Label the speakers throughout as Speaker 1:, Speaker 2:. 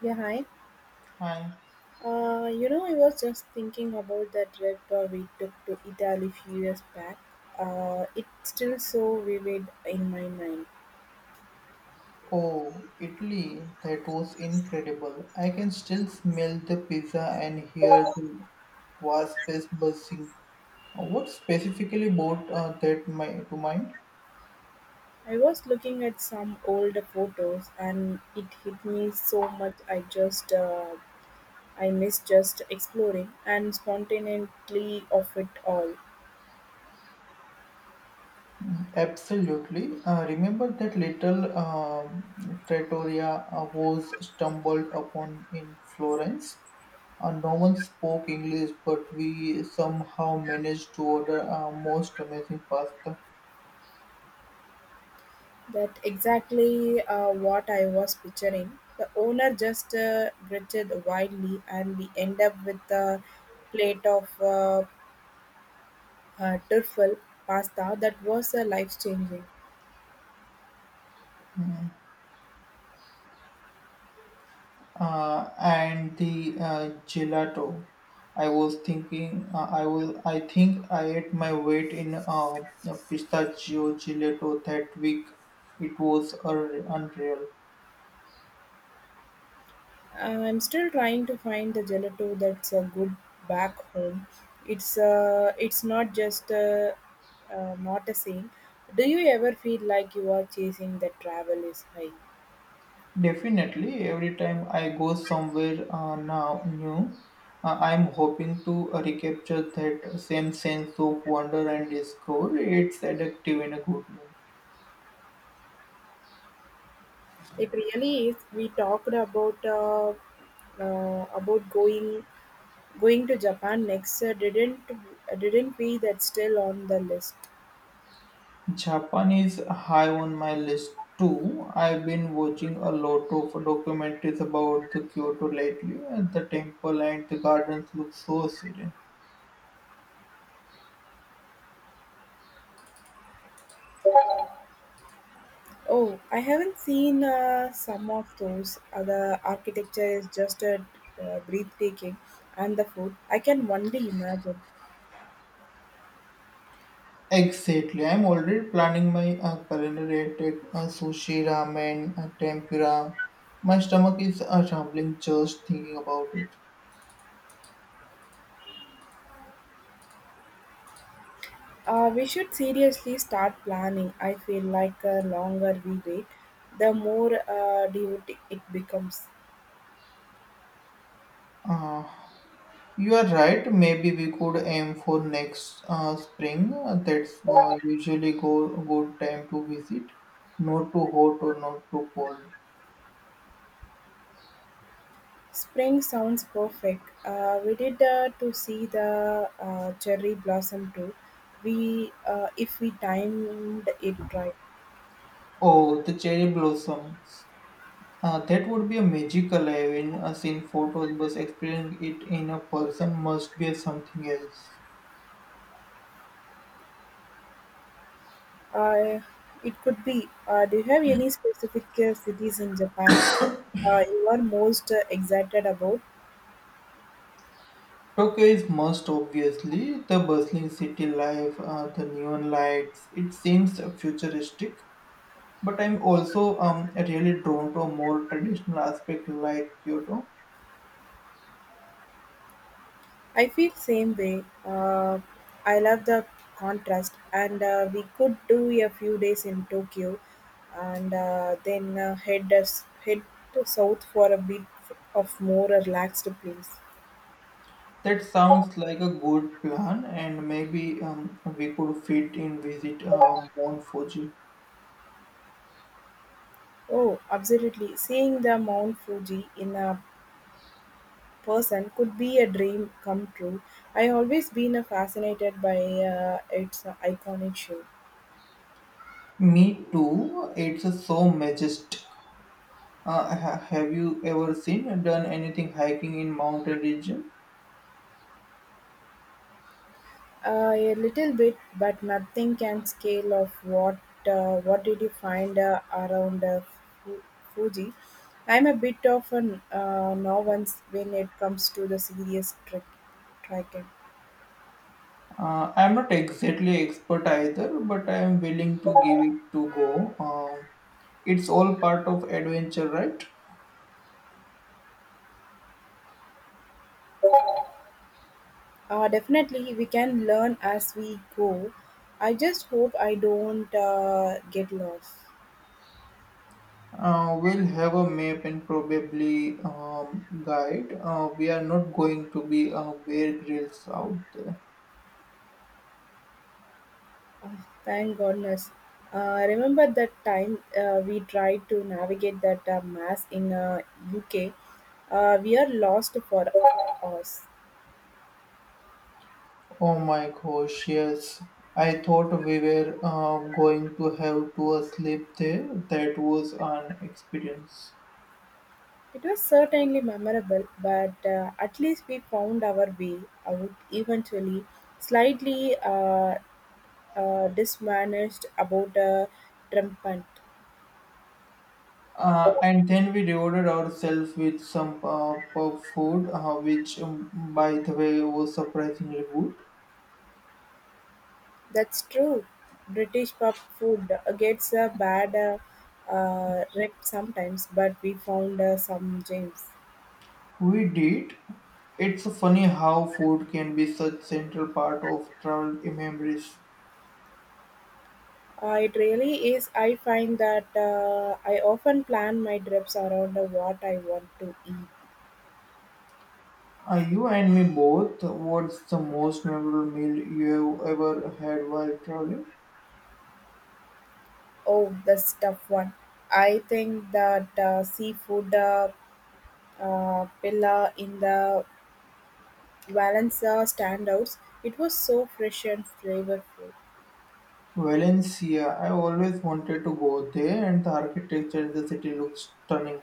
Speaker 1: Yeah, hi.
Speaker 2: Hi.
Speaker 1: I was just thinking about that red tour we took to Italy few years back. It's still so vivid in my mind.
Speaker 2: Oh, Italy, that was incredible. I can still smell the pizza and hear the wasps buzzing. What specifically brought to mind?
Speaker 1: I was looking at some old photos, and it hit me so much. I just, I miss just exploring and spontaneity of it all.
Speaker 2: Absolutely. Remember that little trattoria I was stumbled upon in Florence? No one spoke English, but we somehow managed to order our most amazing pasta.
Speaker 1: That exactly what I was picturing. The owner just gritted wildly, and we end up with a plate of turfal pasta that was life changing.
Speaker 2: And the gelato. I was thinking, I was. I think I ate my weight in pistachio gelato that week. It was unreal.
Speaker 1: I'm still trying to find the gelato that's a good back home. It's not just not the same. Do you ever feel like you are chasing the travel is high?
Speaker 2: Definitely, every time I go somewhere now new, I'm hoping to recapture that same sense of wonder and discovery. It's addictive in a good way.
Speaker 1: It really is. We talked about going to Japan next. Didn't we? That's still on the list.
Speaker 2: Japan is high on my list too. I've been watching a lot of documentaries about the Kyoto lately, and the temple and the gardens look so serene.
Speaker 1: Oh, I haven't seen some of those. The architecture is just breathtaking, and the food, I can only imagine.
Speaker 2: Exactly, I'm already planning my culinary attack: sushi, ramen, tempura. My stomach is rumbling just thinking about it.
Speaker 1: We should seriously start planning. I feel like the longer we wait, the more devoted it becomes.
Speaker 2: Uh, You are right. Maybe we could aim for next spring. That's usually go good time to visit. Not too hot or not too cold.
Speaker 1: Spring sounds perfect. We did to see the cherry blossom too. If we timed it right.
Speaker 2: Oh, the cherry blossoms. That would be a magical. Having seen photos, but experiencing it in a person must be something else.
Speaker 1: Uh, it could be. Do you have any specific cities in Japan you are most excited about?
Speaker 2: Tokyo is most obviously the bustling city life, the neon lights. It seems futuristic, but I'm also really drawn to a more traditional aspect like Kyoto.
Speaker 1: I feel same way. I love the contrast, and we could do a few days in Tokyo, and then head us head to south for a bit of more relaxed place.
Speaker 2: That sounds like a good plan, and maybe we could fit in visit Mount Fuji.
Speaker 1: Oh, absolutely! Seeing the Mount Fuji in a person could be a dream come true. I always been a fascinated by its iconic show.
Speaker 2: Me too. It's so majestic. Have you ever seen done anything hiking in mountain region?
Speaker 1: A little bit, but nothing can scale of what did you find Fu- Fuji. I'm a bit of a novice when it comes to the serious trick Trekking.
Speaker 2: I'm not exactly expert either, but I am willing to give it to go. It's all part of adventure, right?
Speaker 1: Definitely, we can learn as we go. I just hope I don't get lost.
Speaker 2: We'll have a map and probably guide. We are not going to be bear grills out there.
Speaker 1: Thank goodness. Remember that time we tried to navigate that mass in UK? We are lost for hours.
Speaker 2: Oh my gosh, yes. I thought we were going to have to sleep there. That was an experience.
Speaker 1: It was certainly memorable, but at least we found our way out eventually. Slightly dismanaged about Trumpant.
Speaker 2: And then we rewarded ourselves with some pub food, which, by the way, was surprisingly good.
Speaker 1: That's true. British pub food gets a bad rep sometimes, but we found some gems.
Speaker 2: We did. It's funny how food can be such central part of travel memories.
Speaker 1: It really is. I find that I often plan my trips around what I want to eat.
Speaker 2: You and me both. What's the most memorable meal you have ever had while traveling?
Speaker 1: Oh, the stuff one. I think that seafood pillar in the Valencia standouts. It was so fresh and flavorful.
Speaker 2: Valencia. I always wanted to go there, and the architecture in the city looks stunning.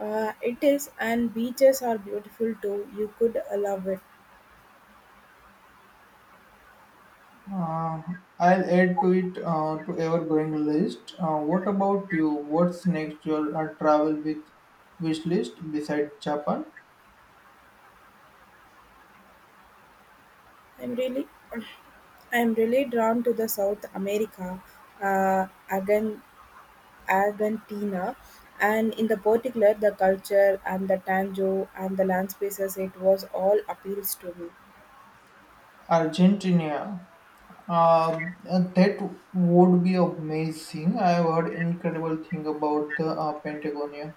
Speaker 1: It is, and beaches are beautiful too. You could love it.
Speaker 2: Uh, I'll add to it to ever-growing list. What about you? What's next your travel with wish list besides Japan?
Speaker 1: I'm really, I'm really drawn to the South America. Again, Argentina, and in the particular the culture and the tango and the land spaces, it was all appeals to me.
Speaker 2: Argentina. That would be amazing. I have heard incredible thing about the Patagonia.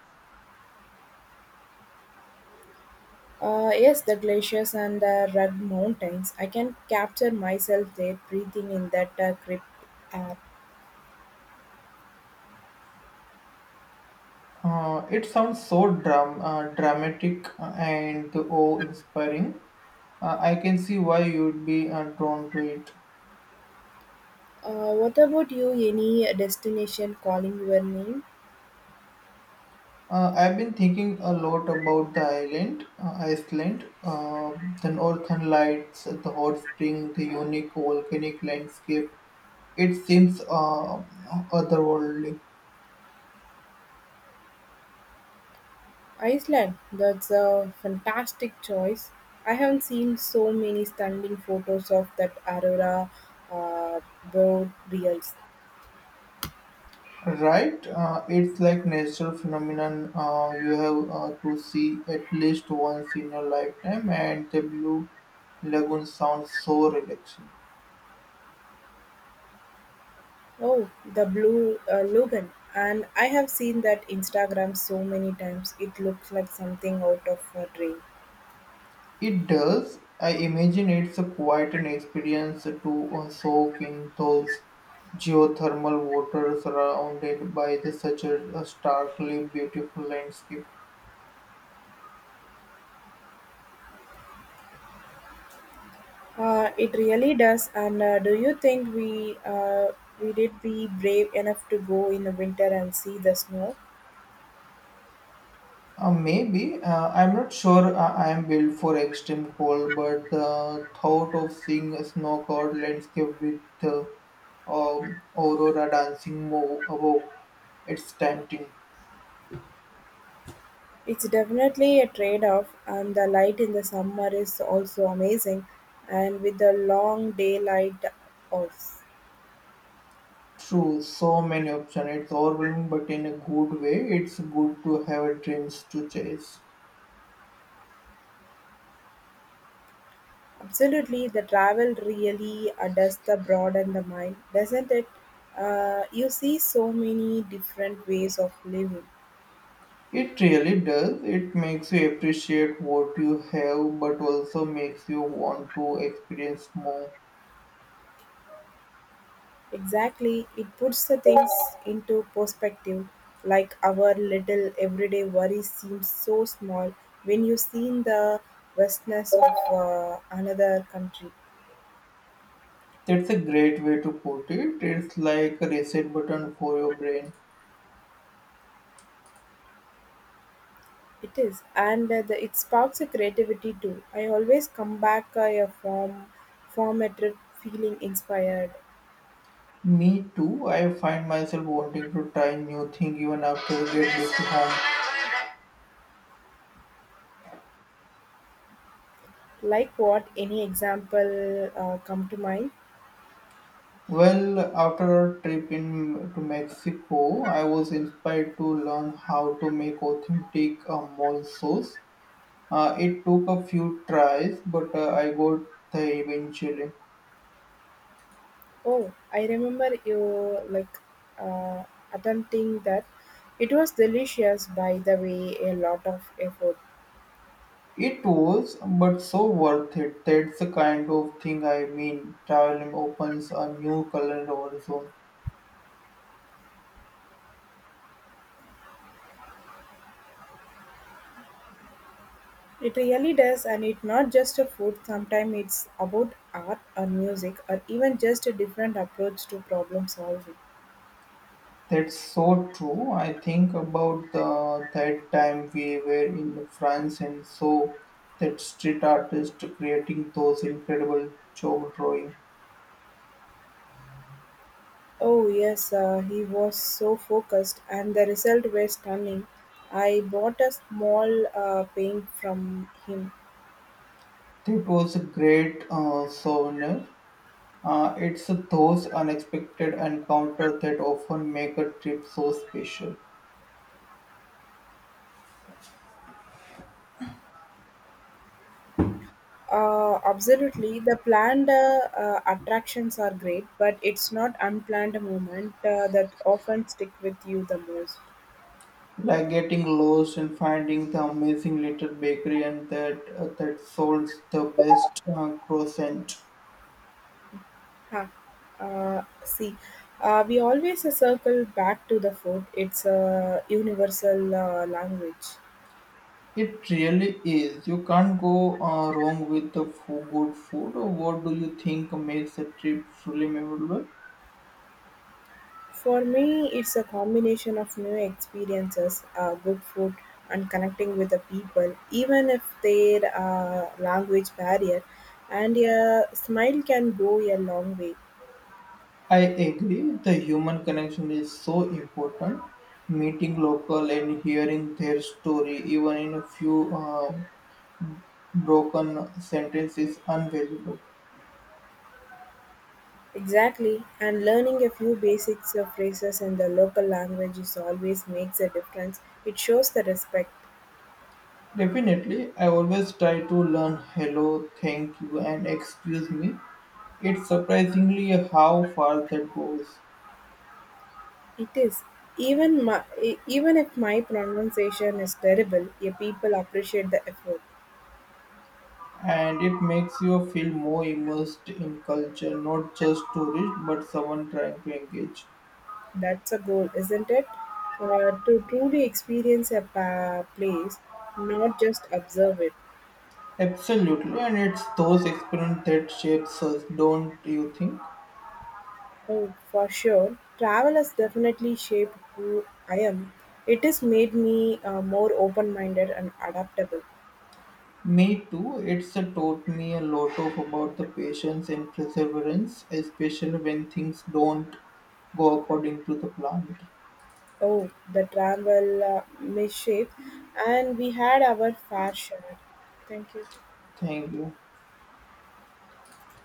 Speaker 1: Yes, the glaciers and the rugged mountains. I can capture myself there breathing in that grip app.
Speaker 2: Uh, it sounds so dramatic and awe-inspiring. I can see why you'd be drawn to it.
Speaker 1: What about you? Any destination calling your name?
Speaker 2: I've been thinking a lot about the island, Iceland, the northern lights, the hot spring, the unique volcanic landscape. It seems otherworldly.
Speaker 1: Iceland. That's a fantastic choice. I haven't seen so many stunning photos of that aurora uh, boreals.
Speaker 2: Right, it's like natural phenomenon. You have to see at least once in your lifetime, and the blue lagoon sounds so relaxing.
Speaker 1: Oh, the blue Logan. And I have seen that Instagram so many times. It looks like something out of a dream.
Speaker 2: It does. I imagine it's a quite an experience to soak in those geothermal waters surrounded by the such a starkly beautiful landscape.
Speaker 1: It really does. And do you think we did be brave enough to go in the winter and see the snow?
Speaker 2: Maybe I'm not sure I am built for extreme cold, but the thought of seeing a snow-covered landscape with aurora above, it's tempting.
Speaker 1: It's definitely a trade-off, and the light in the summer is also amazing, and with the long daylight hours.
Speaker 2: True, so many options. It's overwhelming, but in a good way. It's good to have dreams to chase.
Speaker 1: Absolutely, the travel really does the broaden the mind, doesn't it? You see so many different ways of living.
Speaker 2: It really does. It makes you appreciate what you have, but also makes you want to experience more.
Speaker 1: Exactly, it puts the things into perspective. Like our little everyday worries seem so small when you see in the vastness of another country.
Speaker 2: That's a great way to put it. It's like a reset button for your brain.
Speaker 1: It is, and it sparks a creativity too. I always come back a form, form a trip feeling inspired.
Speaker 2: Me too. I find myself wanting to try new thing even after we get back to home.
Speaker 1: Like what? Any example come to mind?
Speaker 2: Well, after our trip in to Mexico, I was inspired to learn how to make authentic mole sauce. It took a few tries, but I got there eventually.
Speaker 1: Oh, I remember you like uh, attempting that. It was delicious, by the way. A lot of effort.
Speaker 2: It was, but so worth it. That's the kind of thing I mean. Traveling opens a new culinary horizon.
Speaker 1: It really does, and it's not just a food. Sometimes it's about art or music, or even just a different approach to problem solving.
Speaker 2: That's so true. I think about the that time we were in France and saw that street artist creating those incredible chalk drawing.
Speaker 1: Oh yes, he was so focused, and the result was stunning. I bought a small paint from him.
Speaker 2: That was a great souvenir. It's those unexpected encounters that often make a trip so special,
Speaker 1: Absolutely. The planned attractions are great, but it's not unplanned moment that often stick with you the most.
Speaker 2: like getting lost and finding the amazing little bakery and that sells the best croissant.
Speaker 1: Huh. Uh, see, we always circle back to the food. It's a universal language.
Speaker 2: It really is. You can't go wrong with good food. What do you think makes a trip truly memorable?
Speaker 1: For me, it's a combination of new experiences, good food, and connecting with the people, even if their language barrier. And a smile can go a long way.
Speaker 2: I agree. The human connection is so important. Meeting local and hearing their story, even in a few broken sentences, unvaluable.
Speaker 1: Exactly, and learning a few basics of phrases in the local language is always makes a difference. It shows the respect.
Speaker 2: Definitely, I always try to learn hello, thank you, and excuse me. It's surprisingly how far that goes.
Speaker 1: It is even my, even if my pronunciation is terrible, your people appreciate the effort.
Speaker 2: And it makes you feel more immersed in culture, not just tourist, but someone trying to engage.
Speaker 1: That's a goal, isn't it? To truly experience a place, not just observe it.
Speaker 2: Absolutely, and it's those experiences that shapes us, don't you think?
Speaker 1: Oh, for sure. Travel has definitely shaped who I am. It has made me more open minded and adaptable.
Speaker 2: Me too. It's taught me a lot of about the patience and perseverance, especially when things don't go according to the plan.
Speaker 1: Oh, the travel mischief, and we had our fair share. Thank you.
Speaker 2: Thank you.